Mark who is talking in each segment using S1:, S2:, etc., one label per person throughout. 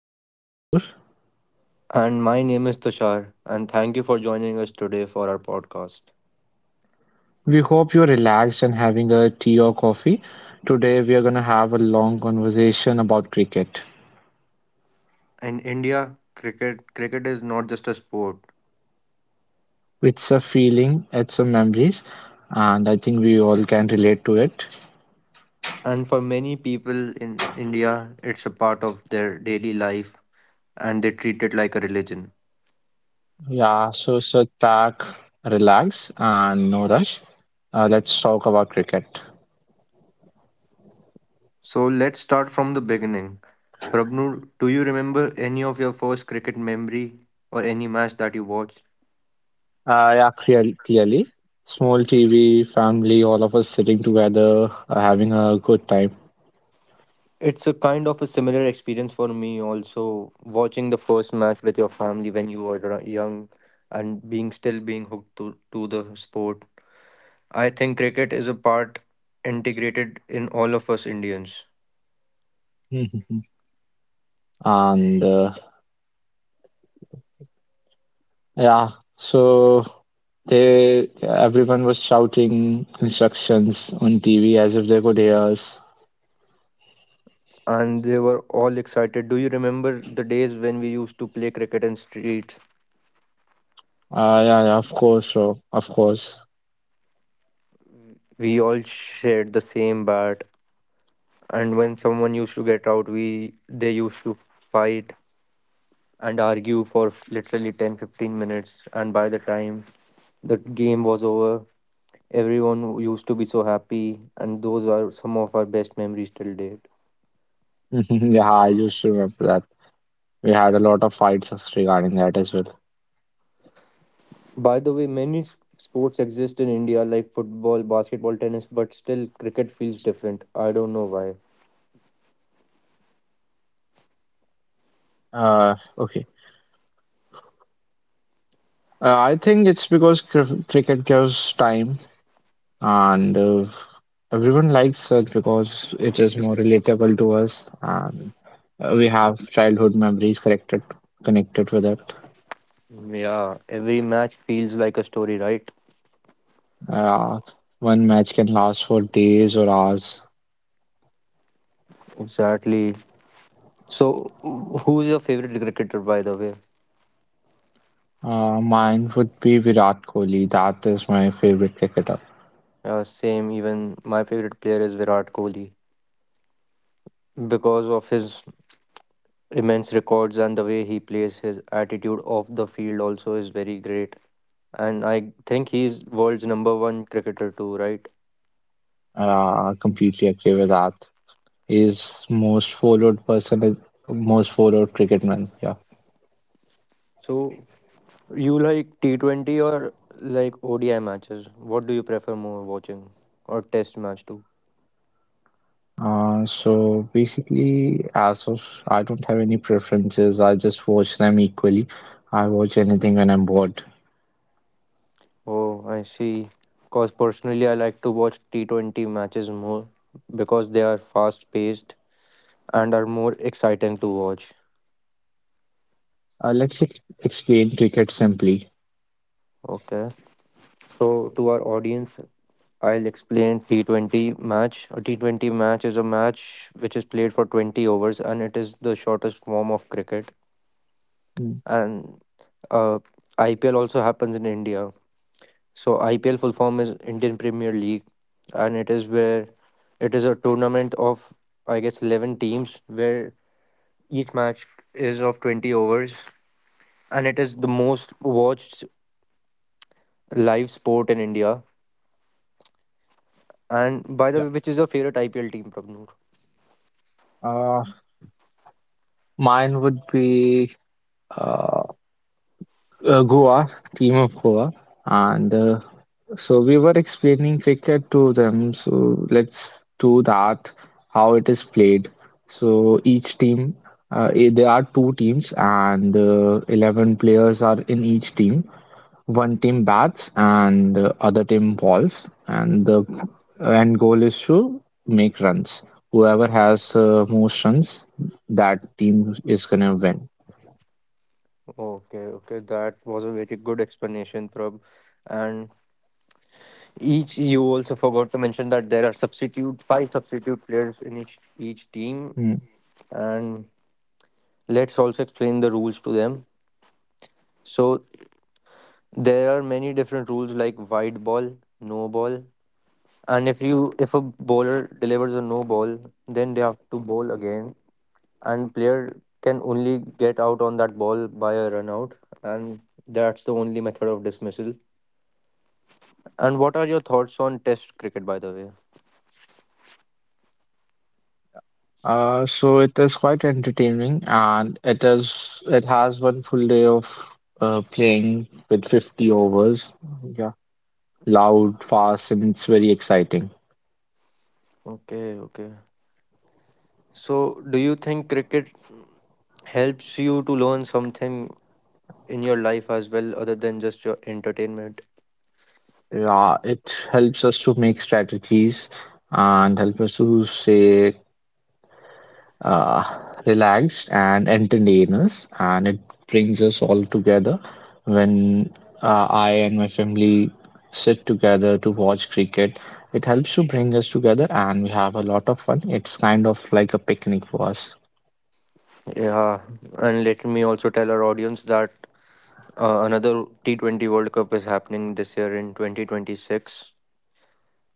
S1: I'm Prabnoor.
S2: And my name is Tushar, and thank you for joining us today for our podcast.
S1: We hope you're relaxed and having a tea or coffee. Today, we are going to have a long conversation about cricket.
S2: In India, cricket is not just a sport.
S1: It's a feeling, it's a memories, and I think we all can relate to it.
S2: And for many people in India, it's a part of their daily life and they treat it like a religion.
S1: Yeah, so sit back, relax, and no rush. Let's talk about cricket.
S2: So let's start from the beginning. Prabhu, do you remember any of your first cricket memory or any match that you watched?
S1: Clearly, small TV, family, all of us sitting together, having a good time.
S2: It's a kind of a similar experience for me also, watching the first match with your family when you were young and being hooked to the sport. I think cricket is a part integrated in all of us Indians.
S1: And Yeah, so they Everyone was shouting instructions on TV as if they could hear us.
S2: And they were all excited. Do you remember the days when we used to play cricket in streets?
S1: Yeah, yeah, of course, bro, of course.
S2: We all shared the same bat, and when someone used to get out, we they used to fight and argue for literally 10 15 minutes, and by the time the game was over. Everyone used to be so happy, and those are some of our best memories till date.
S1: Yeah, I used to remember that. We had a lot of fights regarding that as well.
S2: By the way, many sports exist in India like football, basketball, tennis, but still cricket feels different. I don't know why.
S1: Okay. I think it's because cr cricket gives time, and everyone likes it because it is more relatable to us, and we have childhood memories connected with it.
S2: Yeah, every match feels like a story, right?
S1: Uh, One match can last for days or hours.
S2: Exactly. So, who's your favorite cricketer, by the way?
S1: Mine would be Virat Kohli. That is my favorite cricketer.
S2: Same, even my favorite player is Virat Kohli because of his immense records and the way he plays. His attitude off the field also is very great, and I think he's world's number one cricketer too, right?
S1: Completely agree with that. He's most followed person, most followed cricketman. Yeah.
S2: So you like T20 or like ODI matches? What do you prefer more watching, or test match too?
S1: So basically, as of I don't have any preferences. I just watch them equally. I watch anything when I'm bored.
S2: Oh, I see. Because personally I like to watch T20 matches more because they are fast paced and are more exciting to watch.
S1: Let's ex explain cricket simply.
S2: Okay, so to our audience, I'll explain T20 match. A T20 match is a match which is played for 20 overs, and it is the shortest form of cricket.
S1: Mm.
S2: And uh, IPL also happens in India. So IPL full form is Indian Premier League, and it is where it is a tournament of, I guess, 11 teams where each match is of 20 overs, and it is the most watched live sport in India. And by the
S1: Yeah.
S2: way, which is your favorite IPL team, Prabhu?
S1: Uh, Mine would be uh, Goa, team of Goa, and so we were explaining cricket to them. So let's do that, how it is played. So each team, there are two teams, and 11 players are in each team. One team bats, and other team balls, and the end goal is to make runs. Whoever has most runs, that team is gonna win.
S2: Okay, okay, that was a very good explanation, Prab. And each, you also forgot to mention that there are substitute five substitute players in each team,
S1: Hmm.
S2: and let's also explain the rules to them. So there are many different rules like wide ball, no ball, and if a bowler delivers a no ball, then they have to bowl again, and player can only get out on that ball by a run out, and that's the only method of dismissal. And what are your thoughts on Test cricket, by the way?
S1: So it is quite entertaining, and it has one full day of playing with 50 overs. Yeah, loud, fast, and it's very exciting.
S2: Okay, okay. So, do you think cricket helps you to learn something in your life as well, other than just your entertainment?
S1: Yeah, it helps us to make strategies and help us to say uh, relaxed and entertainers, and it brings us all together when I and my family sit together to watch cricket. It helps to bring us together, and we have a lot of fun. It's kind of like a picnic for us.
S2: Yeah, and let me also tell our audience that another T20 World Cup is happening this year in 2026.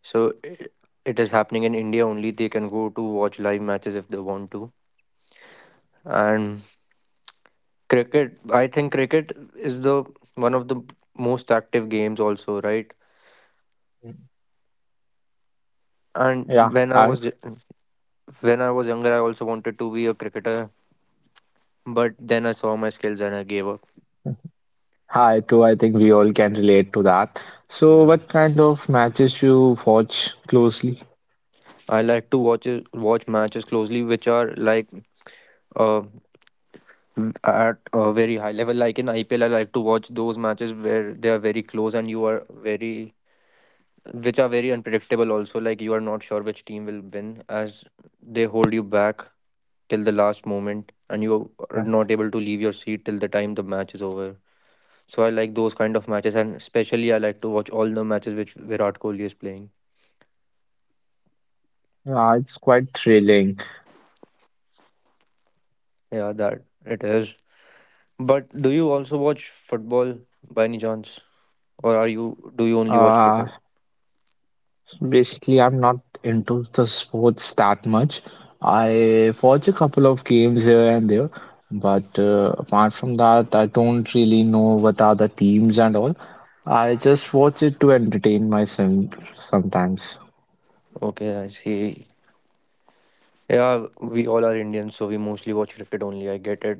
S2: So, it is happening in India only. They can go to watch live matches if they want to. And cricket, I think cricket is the one of the most active games also, right?
S1: Yeah,
S2: And
S1: I,
S2: when I was younger, I also wanted to be a cricketer, but then I saw my skills and I gave up.
S1: I too. I think we all can relate to that. So,
S2: Yeah,
S1: what kind of matches you watch closely?
S2: I like to watch matches closely, which are like uh, v- at a very high level. Like in IPL, I like to watch those matches where they are very close and you are very which are very unpredictable. Also, like you are not sure which team will win, as they hold you back till the last moment, and you are not able to leave your seat till the time the match is over. So I like those kind of matches, and especially I like to watch all the matches which Virat Kohli is playing.
S3: Yeah, it's quite thrilling.
S2: Yeah, that it is. But do you also watch football by any chance, or are you do you only watch
S3: Uh,
S2: cricket?
S3: basically, I'm not into the sports that much. I watch a couple of games here and there, but apart from that, I don't really know what are the teams and all. I just watch it to entertain myself sometimes.
S2: Okay, I see. Yeah, we all are Indians, so we mostly watch cricket only. I get it.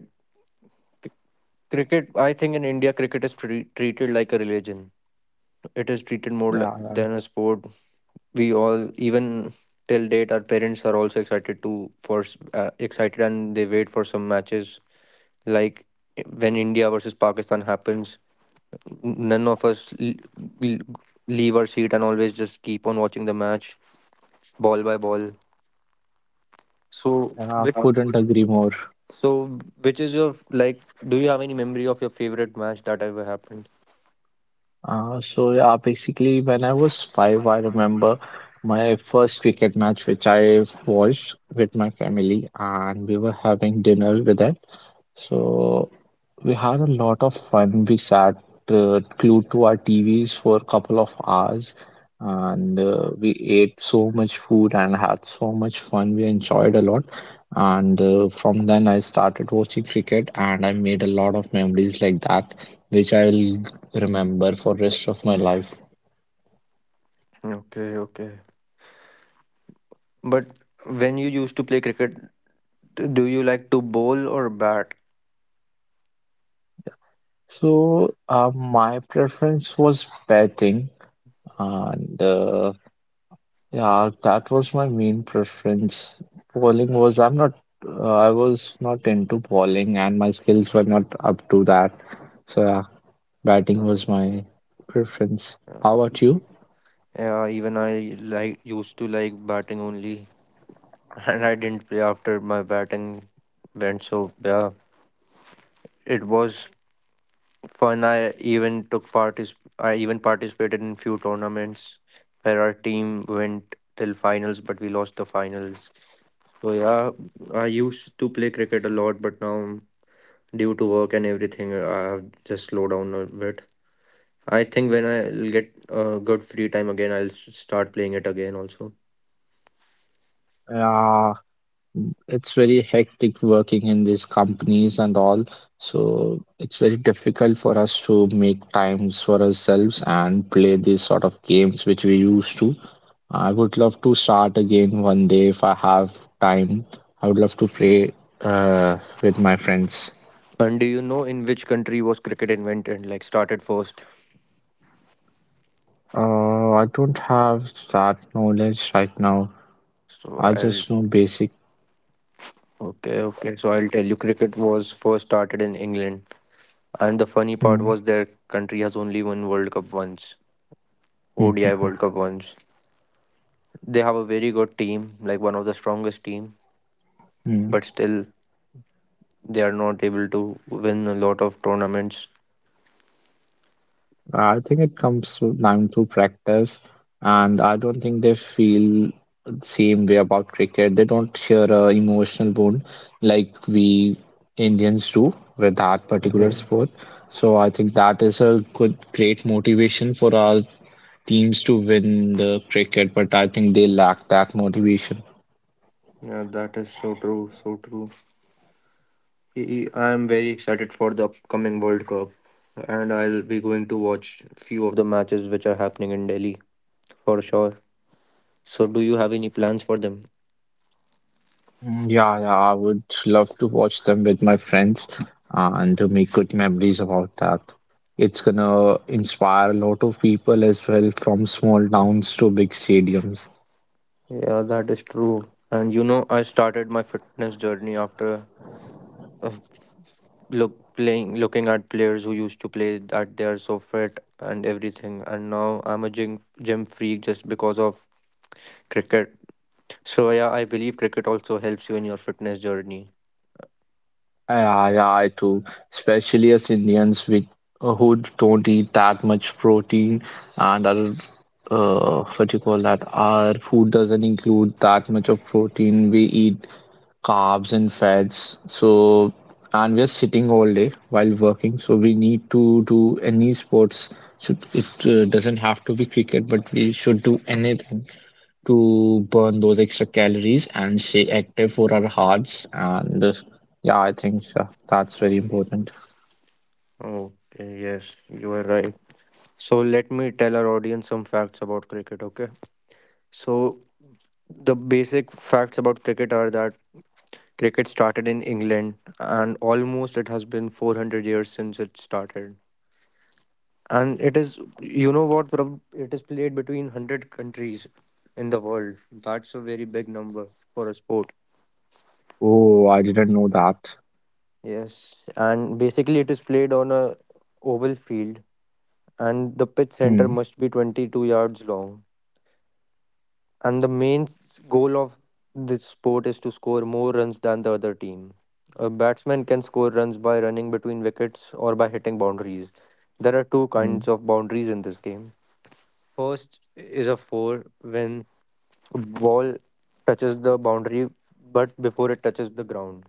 S2: Cricket, I think in India, cricket is treated like a religion. It is treated more than a
S3: Yeah,
S2: sport. We all, even till date, our parents are also excited, and they wait for some matches like when India versus Pakistan happens, none of us will leave our seat and always just keep on watching the match ball by ball. So,
S3: I couldn't agree more.
S2: so which is your like? Do you have any memory of your favorite match that ever happened?
S3: Basically, when I was five, I remember my first cricket match which I watched with my family, and we were having dinner with it. So we had a lot of fun. We sat glued to our TVs for a couple of hours and we ate so much food and had so much fun. We enjoyed a lot. And From then, I started watching cricket and I made a lot of memories like that, which I will remember for rest of my life.
S2: Okay, okay. But when you used to play cricket, do you like to bowl or bat?
S3: My preference was batting, and yeah, that was my main preference. Bowling was, I'm not, I was not into bowling and my skills were not up to that. So, yeah, batting
S2: Uh,
S3: was my preference. How
S2: yeah,
S3: about you?
S2: Yeah, even I used to like batting only, and I didn't play after my batting went. So yeah, it was fun. I even took part. I even participated in few tournaments where our team went till finals, but we lost the finals. So yeah, I used to play cricket a lot, but now due to work and everything, I've just slowed down a bit. I think when I'll get a good free time again, I'll start playing it again also.
S3: Yeah, it's very hectic working in these companies and all, so it's very difficult for us to make times for ourselves and play these sort of games which we used to. I would love to start again one day if I have time. I would love to play with my friends.
S2: And do you know in which country was cricket invented? Like, started first.
S3: I don't have that knowledge right now.
S2: So
S3: I
S2: I'll
S3: just know basic.
S2: Okay, okay. So I'll tell you, cricket was first started in England. And the funny part was their country has only won World Cup once, ODI
S3: Hmm.
S2: World Cup once. They have a very good team, like one of the strongest team, but still they are not able to win a lot of tournaments.
S3: I think it down to practice, and I don't think they feel the same way about cricket. They don't share a emotional bond like we Indians do with that particular
S2: Mhm.
S3: sport. So I think that is a great motivation for our teams to win the cricket, but I think they lack that motivation.
S2: Yeah, that is so true, so true. I I am very excited for the upcoming World Cup, and I'll be going to watch few of the matches which are happening in Delhi for sure. So, do you have any plans for them?
S3: Mm, yeah, yeah, I would love to watch them with my friends and to make good memories about that. It's gonna inspire a lot of people as well from small towns to big stadiums.
S2: Yeah, that is true. And you know, I started my fitness journey after uh, looking at players who used to play, that they are so fit and everything, and now I'm a gym freak just because of cricket. So yeah, I believe cricket also helps you in your fitness journey.
S3: Yeah, yeah, I too. Especially as Indians with who don't eat that much protein and our what do you call that? Our food doesn't include that much of protein. We eat carbs and fats. So, and we are sitting all day while working. So we need to do any sports. Should it doesn't have to be cricket, but we should do anything to burn those extra calories and stay active for our hearts. And Yeah, I think that's very important.
S2: Okay, yes, you are right. So let me tell our audience some facts about cricket, okay? So the basic facts about cricket are that cricket started in England, and almost it has been 400 years since it started. And it is, you know what, Prab, it is played between 100 countries in the world. That's a very big number for a sport.
S3: Oh, I didn't know that.
S2: Yes, and basically it is played on a oval field, and the pitch center
S3: Hmm.
S2: must be 22 yards long. And the main goal of this sport is to score more runs than the other team. A batsman can score runs by running between wickets or by hitting boundaries. There are two
S3: Hmm.
S2: kinds of boundaries in this game. First is a four, when ball touches the boundary but before it touches the ground.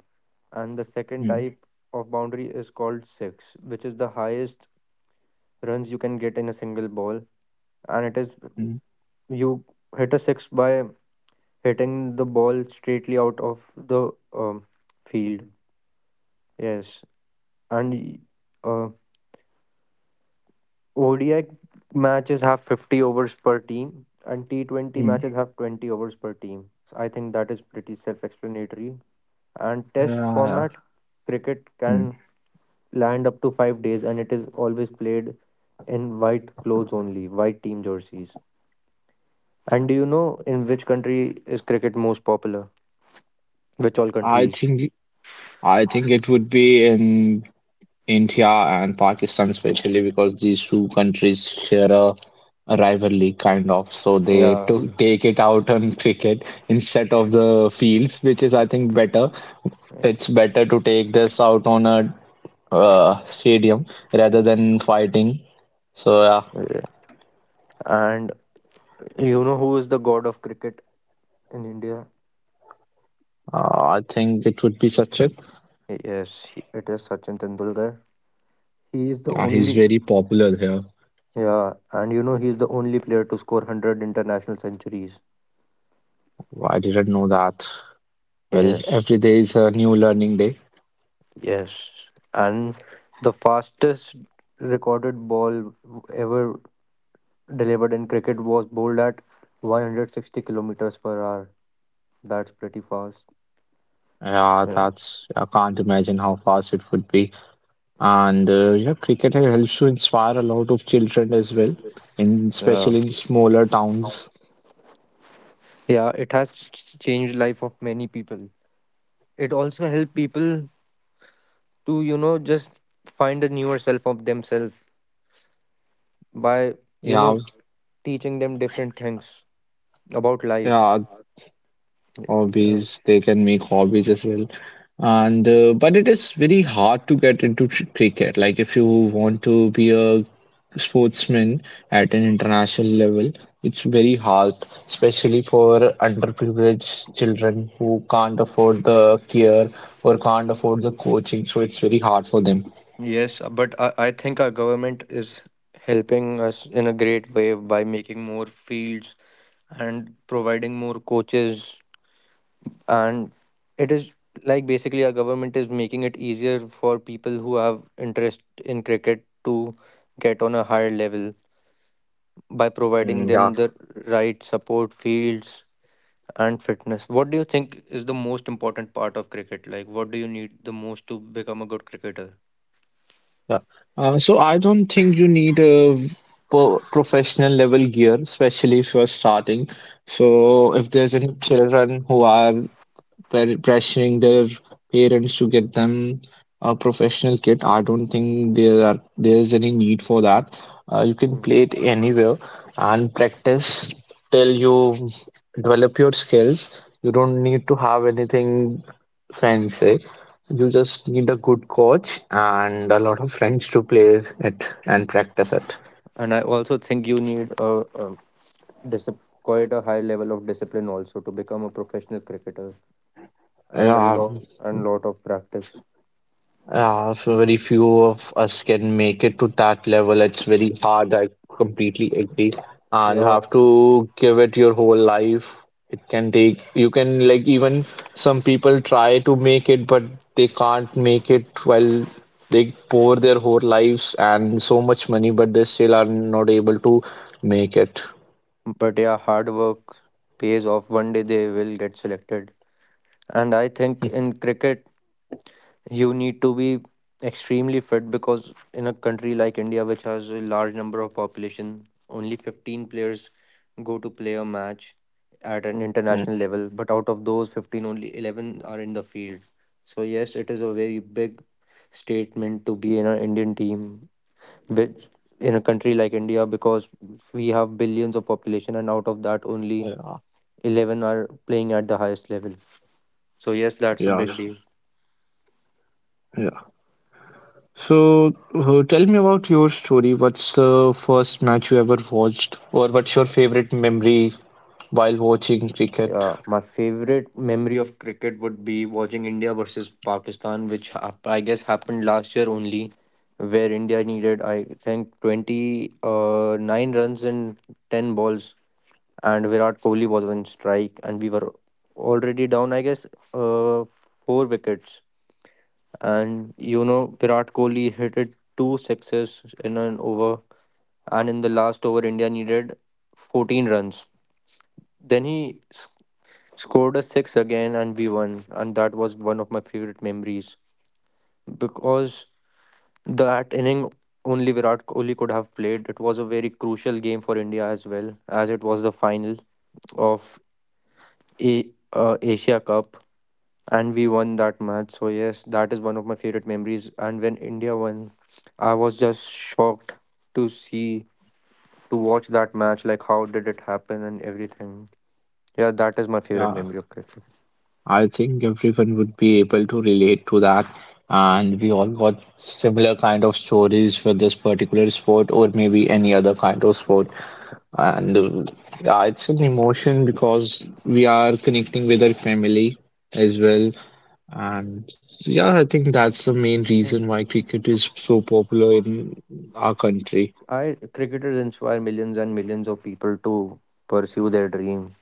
S2: And the second
S3: Hmm.
S2: type of boundary is called six, which is the highest runs you can get in a single ball. And it is
S3: Hmm.
S2: you hit a six by hitting the ball straightly out of the field. Yes. And uh, ODI matches have 50 overs per team, and T20
S3: Hmm.
S2: matches have 20 overs per team. So I think that is pretty self explanatory. And
S3: Yeah.
S2: test
S3: Yeah.
S2: format cricket
S3: Hmm.
S2: can land up to 5 days, and it is always played in white clothes only, white team jerseys. And do you know in which country is cricket most popular? Which all
S3: I
S2: countries?
S3: think I think it would be in India and Pakistan, especially because these two countries share a rivalry kind of, so they
S2: Yeah.
S3: to take it out on cricket instead of the fields, which is I think better.
S2: Yeah.
S3: It's better to take this out on a stadium rather than fighting, so yeah.
S2: Yeah. And you know who is the god of cricket in India?
S3: I think it would be such a,
S2: Yes, it is Sachin Tendulkar. He is the
S3: yeah, he's
S2: only
S3: very popular here.
S2: Yeah, and you know he is the only player to score 100 international centuries.
S3: I didn't know that. Well,
S2: Yes.
S3: every day is a new learning day.
S2: Yes, and the fastest recorded ball ever delivered in cricket was bowled at 160 kilometers per hour. That's pretty fast.
S3: Yeah,
S2: Yeah.
S3: that's, I can't imagine how fast it would be. And Yeah, cricket helps to inspire a lot of children as well, in
S2: Yeah.
S3: especially in smaller towns.
S2: Yeah, it has changed life of many people. It also helped people to, you know, just find a newer self of themselves by, you know,
S3: Yeah,
S2: teaching them different things about life.
S3: yeah,
S2: Yeah.
S3: hobbies, they can make hobbies as well. And But it is very hard to get into cricket. Like, if you want to be a sportsman at an international level, it's very hard, especially for underprivileged children who can't afford the care or can't afford the coaching. So it's very hard for them.
S2: Yes, but I think our government is helping us in a great way by making more fields and providing more coaches. And it is, like, basically our government is making it easier for people who have interest in cricket to get on a higher level by providing
S3: Mm,
S2: them
S3: yeah.
S2: the right support, fields, and fitness. What do you think is the most important part of cricket? Like, what do you need the most to become a good cricketer?
S3: Yeah. So I don't think you need a professional level gear, especially if you're starting. So if there's any children who are pressuring their parents to get them a professional kit. I don't think there's any need for that. You can play it anywhere and practice till you develop your skills. You don't need to have anything fancy. You just need a good coach and a lot of friends to play it and practice it.
S2: And I also think you need a quite a high level of discipline also to become a professional cricketer, and a
S3: Yeah,
S2: lot and lot of practice.
S3: so very few of us can make it to that level. It's very hard. I completely agree. And you
S2: Yeah,
S3: have to give it your whole life. It can take, you can, like, even some people try to make it, but they can't make it while they pour their whole lives and so much money, but they still are not able to make it.
S2: but yeah, hard work pays off. One day they will get selected. And I think in cricket, you need to be extremely fit because in a country like India, which has a large number of population, only 15 players go to play a match at an
S3: Mm,
S2: international level. But out of those 15, only 11 are in the field. So yes, it is a very big statement to be in an Indian team, which in a country like India, because we have billions of population, and out of that, only
S3: yeah,
S2: 11 are playing at the highest level. So yes, that's a big
S3: yes,
S2: deal.
S3: so, tell me about your story. What's the first match you ever watched, or what's your favorite memory while watching cricket?
S2: Yeah, my favorite memory of cricket would be watching India versus Pakistan, which I guess happened last year only, where India needed, I think, 20, 9 runs in 10 balls, and Virat Kohli was on strike, and we were already down, I guess, uh, 4 wickets. And Virat Kohli hit it two sixes in an over, and in the last over, India needed 14 runs, then he scored a six again and we won. And that was one of my favorite memories because that inning only Virat Kohli could have played. It was a very crucial game for India as well, as it was the final of a Asia Cup and we won that match. So yes, that is one of my favorite memories. And when India won, I was just shocked to see to watch that match. Like how did it happen and everything. Yeah, that is my favorite
S3: Yeah,
S2: memory of cricket.
S3: I think everyone would be able to relate to that, and we all got similar kind of stories for this particular sport, or maybe any other kind of sport. And Yeah, it's an emotion because we are connecting with our family as well, and yeah, I think that's the main reason why cricket is so popular in our country.
S2: I cricketers inspire millions and millions of people to pursue their dream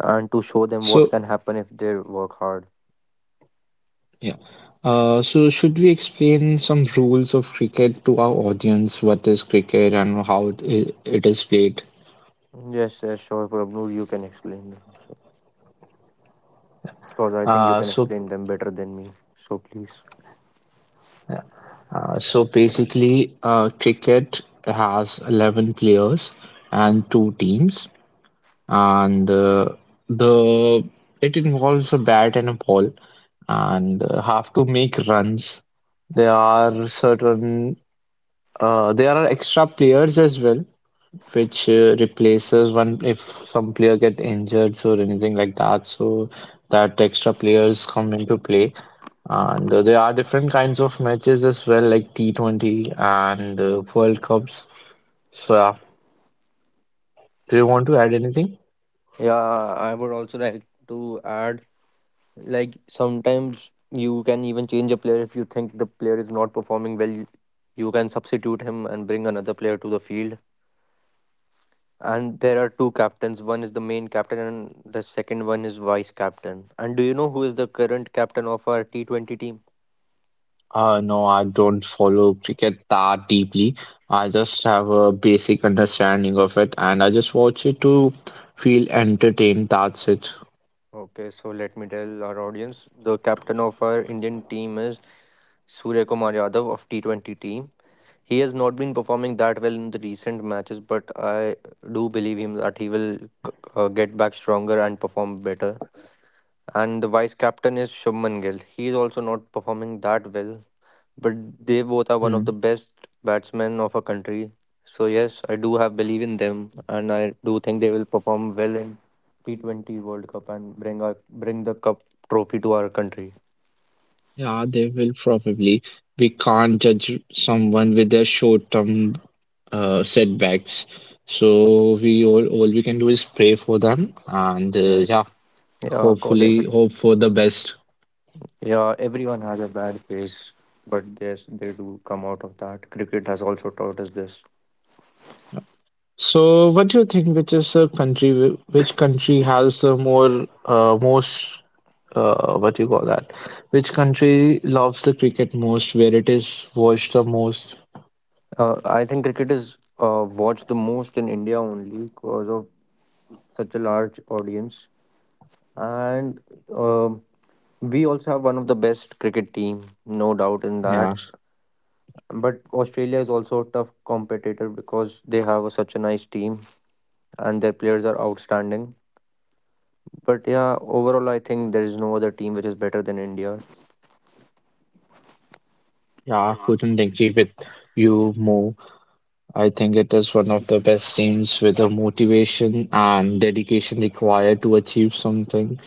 S2: and to show them what
S3: So,
S2: can happen if they work hard.
S3: yeah. So should we explain some rules of cricket to our audience? What is cricket and how it is played?
S2: Yes, yes, sure, Prabhu, you can explain them. So, because I think you
S3: Uh,
S2: can
S3: so,
S2: explain them better than me. So please.
S3: so basically, cricket has 11 players and two teams. And the it involves a bat and a ball, and have to make runs. There are certain there are extra players as well, which replaces one if some player get injured or anything like that. So that extra players come into play, and there are different kinds of matches as well, like T20 and World Cups. So yeah, do you want to add anything?
S2: Yeah, I would also like to add, like sometimes you can even change a player if you think the player is not performing well. You can substitute him and bring another player to the field. And there are two captains. One is the main captain, and the second one is vice captain. And do you know who is the current captain of our T20 team?
S3: No, I don't follow cricket that deeply. I just have a basic understanding of it and I just watch it to feel entertained. That's it.
S2: Okay, so let me tell our audience the captain of our Indian team is Surya Kumar Yadav of T20 team. He has not been performing that well in the recent matches, but I do believe him that he will get back stronger and perform better. And the vice captain is Shubman Gill. He is also not performing that well, but they both are one of the
S3: Hmm.
S2: best batsmen of our country. So yes, I do have belief in them, and I do think they will perform well in T 20 World Cup and bring the cup trophy to our country.
S3: Yeah, they will probably. We can't judge someone with their short-term setbacks. So we all we can do is pray for them and
S2: Yes,
S3: yeah,
S2: yeah, of course.
S3: hopefully
S2: Every,
S3: hope for the best.
S2: yeah, everyone has a bad phase, but yes, they do come out of that. Cricket has also taught us this.
S3: So what do you think, which is a country which country has the more most what you call that? Which country loves the cricket most, where it is watched the most?
S2: I think cricket is watched the most in India only because of such a large audience. And um we also have one of the best cricket team, no doubt in
S3: Yeah,
S2: that. But Australia is also a tough competitor because they have such a nice team and their players are outstanding. But yeah, overall, I think there is no other team which is better than India.
S3: yeah, couldn't agree with you more. I think it is one of the best teams with the motivation and dedication required to achieve something.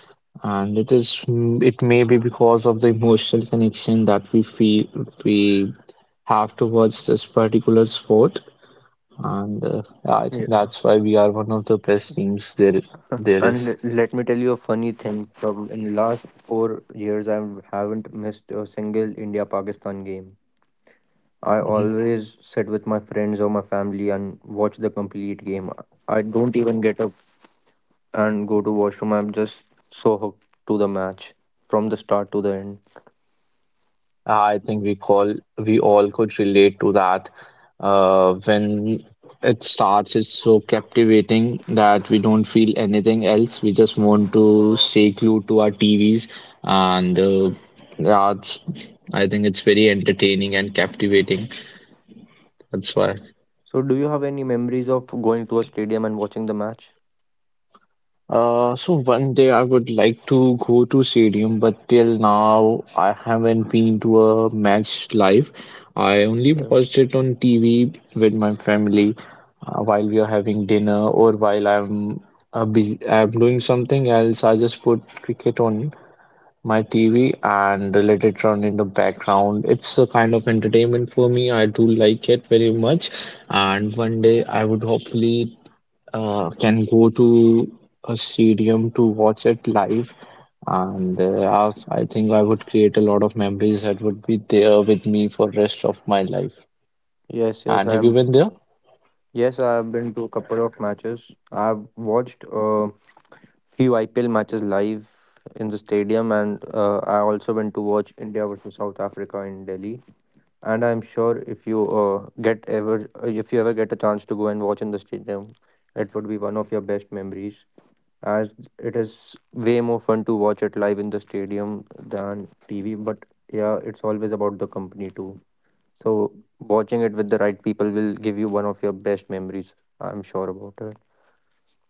S3: And it is, mm, it may be because of the emotional connection that we feel we have towards this particular sport. And Yeah, I think
S2: Yeah.
S3: that's why we are one of the best teams there there
S2: And
S3: is.
S2: let me tell you a funny thing. From in last 4 years, I haven't missed a single India Pakistan game. I
S3: Mm-hmm.
S2: always sit with my friends or my family and watch the complete game. I don't even get up and go to washroom. I'm just so hooked to the match from the start to the end.
S3: I think we call we all could relate to that. When it starts, it's so captivating that we don't feel anything else. We just want to stay glued to our TVs, and yeah, it's, I think it's very entertaining and captivating. That's why.
S2: So, do you have any memories of going to a stadium and watching the match?
S3: So one day I would like to go to stadium, but till now I haven't been to a match live. I only
S2: Yeah.
S3: watched it on TV with my family while we are having dinner or while I'm busy, I'm doing something else. I just put cricket on my TV and let it run in the background. It's a kind of entertainment for me. I do like it very much, and one day I would hopefully can go to a stadium to watch it live. And I think I would create a lot of memories that would be there with me for rest of my life.
S2: Yes, yes,
S3: And
S2: I
S3: have you
S2: am.
S3: been there?
S2: Yes, I have been to a couple of matches. I've watched a few IPL matches live in the stadium, and I also went to watch India versus South Africa in Delhi. And I'm sure if you ever get a chance to go and watch in the stadium, it would be one of your best memories as it is way more fun to watch it live in the stadium than TV. But yeah, it's always about the company too. So watching it with the right people will give you one of your best memories. I'm sure about it.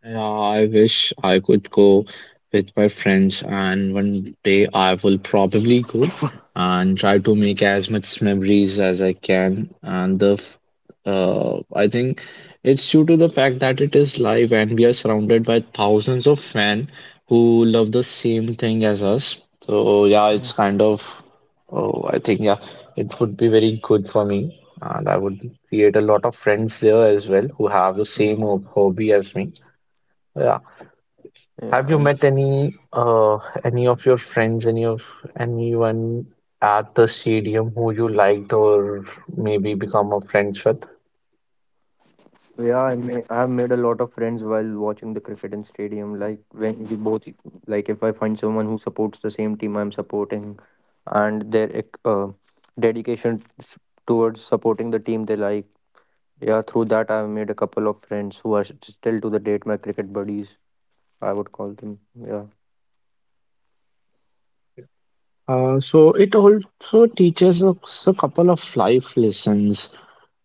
S3: Yeah, I wish I could go with my friends, and one day I will probably go and try to make as much memories as I can. I think it's due to the fact that it is live and we are surrounded by thousands of fans who love the same thing as us. So yeah,
S2: Mm,
S3: it's kind of, oh, I think yeah, it would be very good for me. And I would create a lot of friends there as well who have the
S2: mm.
S3: same hobby as me. Yeah. Have you
S2: Yeah,
S3: met any of your friends, any of anyone at the stadium who you liked or maybe become a friends with?
S2: yeah, I have made a lot of friends while watching the cricket in stadium. Like when we both, like if I find someone who supports the same team I'm supporting, and their dedication towards supporting the team they like. Yeah, through that I've made a couple of friends who are still to the date my cricket buddies. I would call them. Yeah,
S3: So it also teaches us a couple of life lessons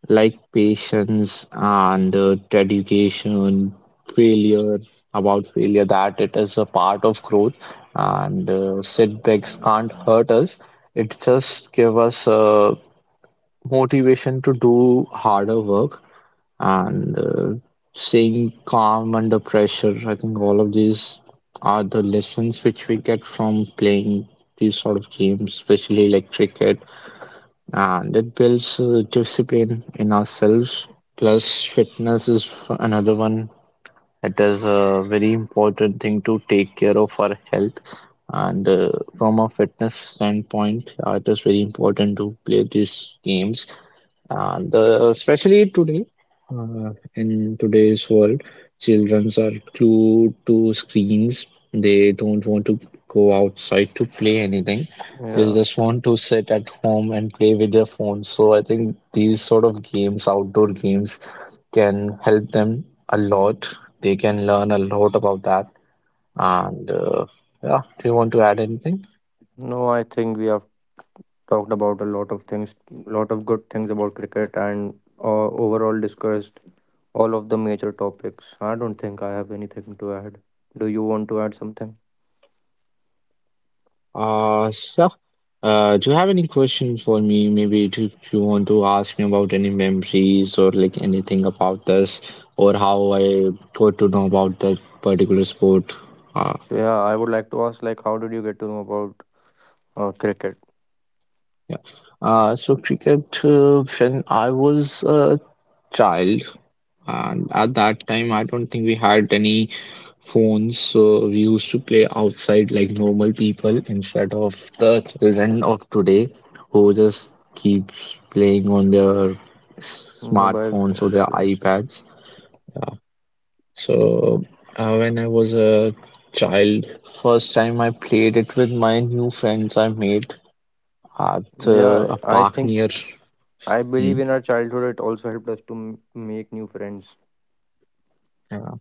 S3: like patience and dedication, failure, about failure that it is a part of growth and setbacks can't hurt us. It just give us a motivation to do harder work and staying calm under pressure. I think all of these are the lessons which we get from playing these sort of games, especially like cricket, and it builds discipline in ourselves. Plus, fitness is another one. It is a very important thing to take care of our health. And From a fitness standpoint, it is very important to play these games the especially today, in today's world, children are glued to screens. They don't want to go outside to play anything. They
S2: yeah.
S3: just want to sit at home and play with their phones. So I think these sort of games, outdoor games, can help them a lot. They can learn a lot about that. And Yeah, do you want to add anything?
S2: No, I think we have talked about a lot of things, lot of good things about cricket, and overall discussed all of the major topics. I don't think I have anything to add. Do you want to add something?
S3: Uh, so, do you have any question for me? Maybe do you want to ask me about any memories or like anything about this or how I got to know about that particular sport? Uh,
S2: Yeah, I would like to ask, like, how did you get to know about cricket?
S3: yeah. So cricket, when I was a child, and at that time, I don't think we had any phones. We used to play outside like normal people instead of the children of today who just keeps playing on their
S2: Mobile
S3: smartphones or
S2: phones,
S3: their
S2: yes, yes.
S3: iPads.
S2: Uh,
S3: So when I was a child, first time I played it with my new friends I made at
S2: Yeah,
S3: a
S2: I
S3: park
S2: think
S3: near.
S2: I
S3: Hmm,
S2: believe in our childhood it also helped us to make new friends.
S3: yeah.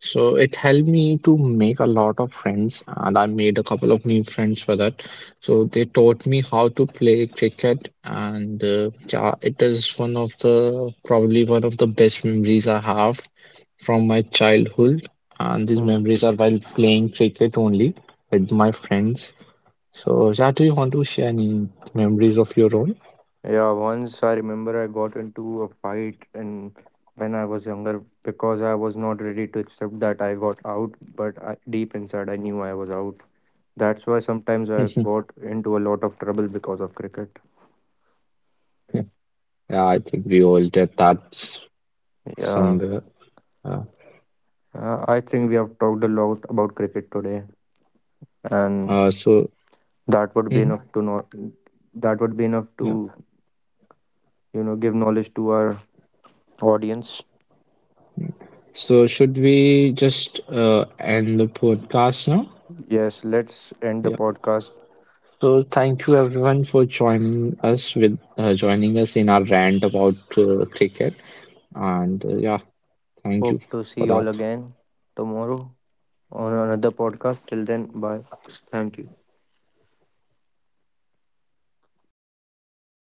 S3: So it helped me to make a lot of friends, and I made a couple of new friends for that. So they taught me how to play cricket, and yeah, it is one of the probably one of the best memories I have from my childhood. And these
S2: Hmm.
S3: memories are while playing cricket only with my friends. So, yeah, do you want to share any memories of your own?
S2: Yeah, once I remember I got into a fight and when I was younger because I was not ready to accept that I got out, but I, deep inside I knew I was out. That's why sometimes I got into a lot of trouble because of cricket.
S3: Yeah, I think we all did that
S2: Yeah,
S3: somewhere. Uh,
S2: I think we have talked a lot about cricket today, and
S3: uh, so,
S2: that would be
S3: mhm,
S2: enough to know. That would be enough
S3: yeah.
S2: to give knowledge to our audience.
S3: So should we just end the podcast now?
S2: Yes, let's end the
S3: Yeah.
S2: podcast.
S3: So thank you everyone for joining us with joining us in our rant about cricket, and yeah, thank you
S2: Hope to see
S3: for
S2: you all
S3: that.
S2: again tomorrow on another podcast. Till then, bye. Thank you.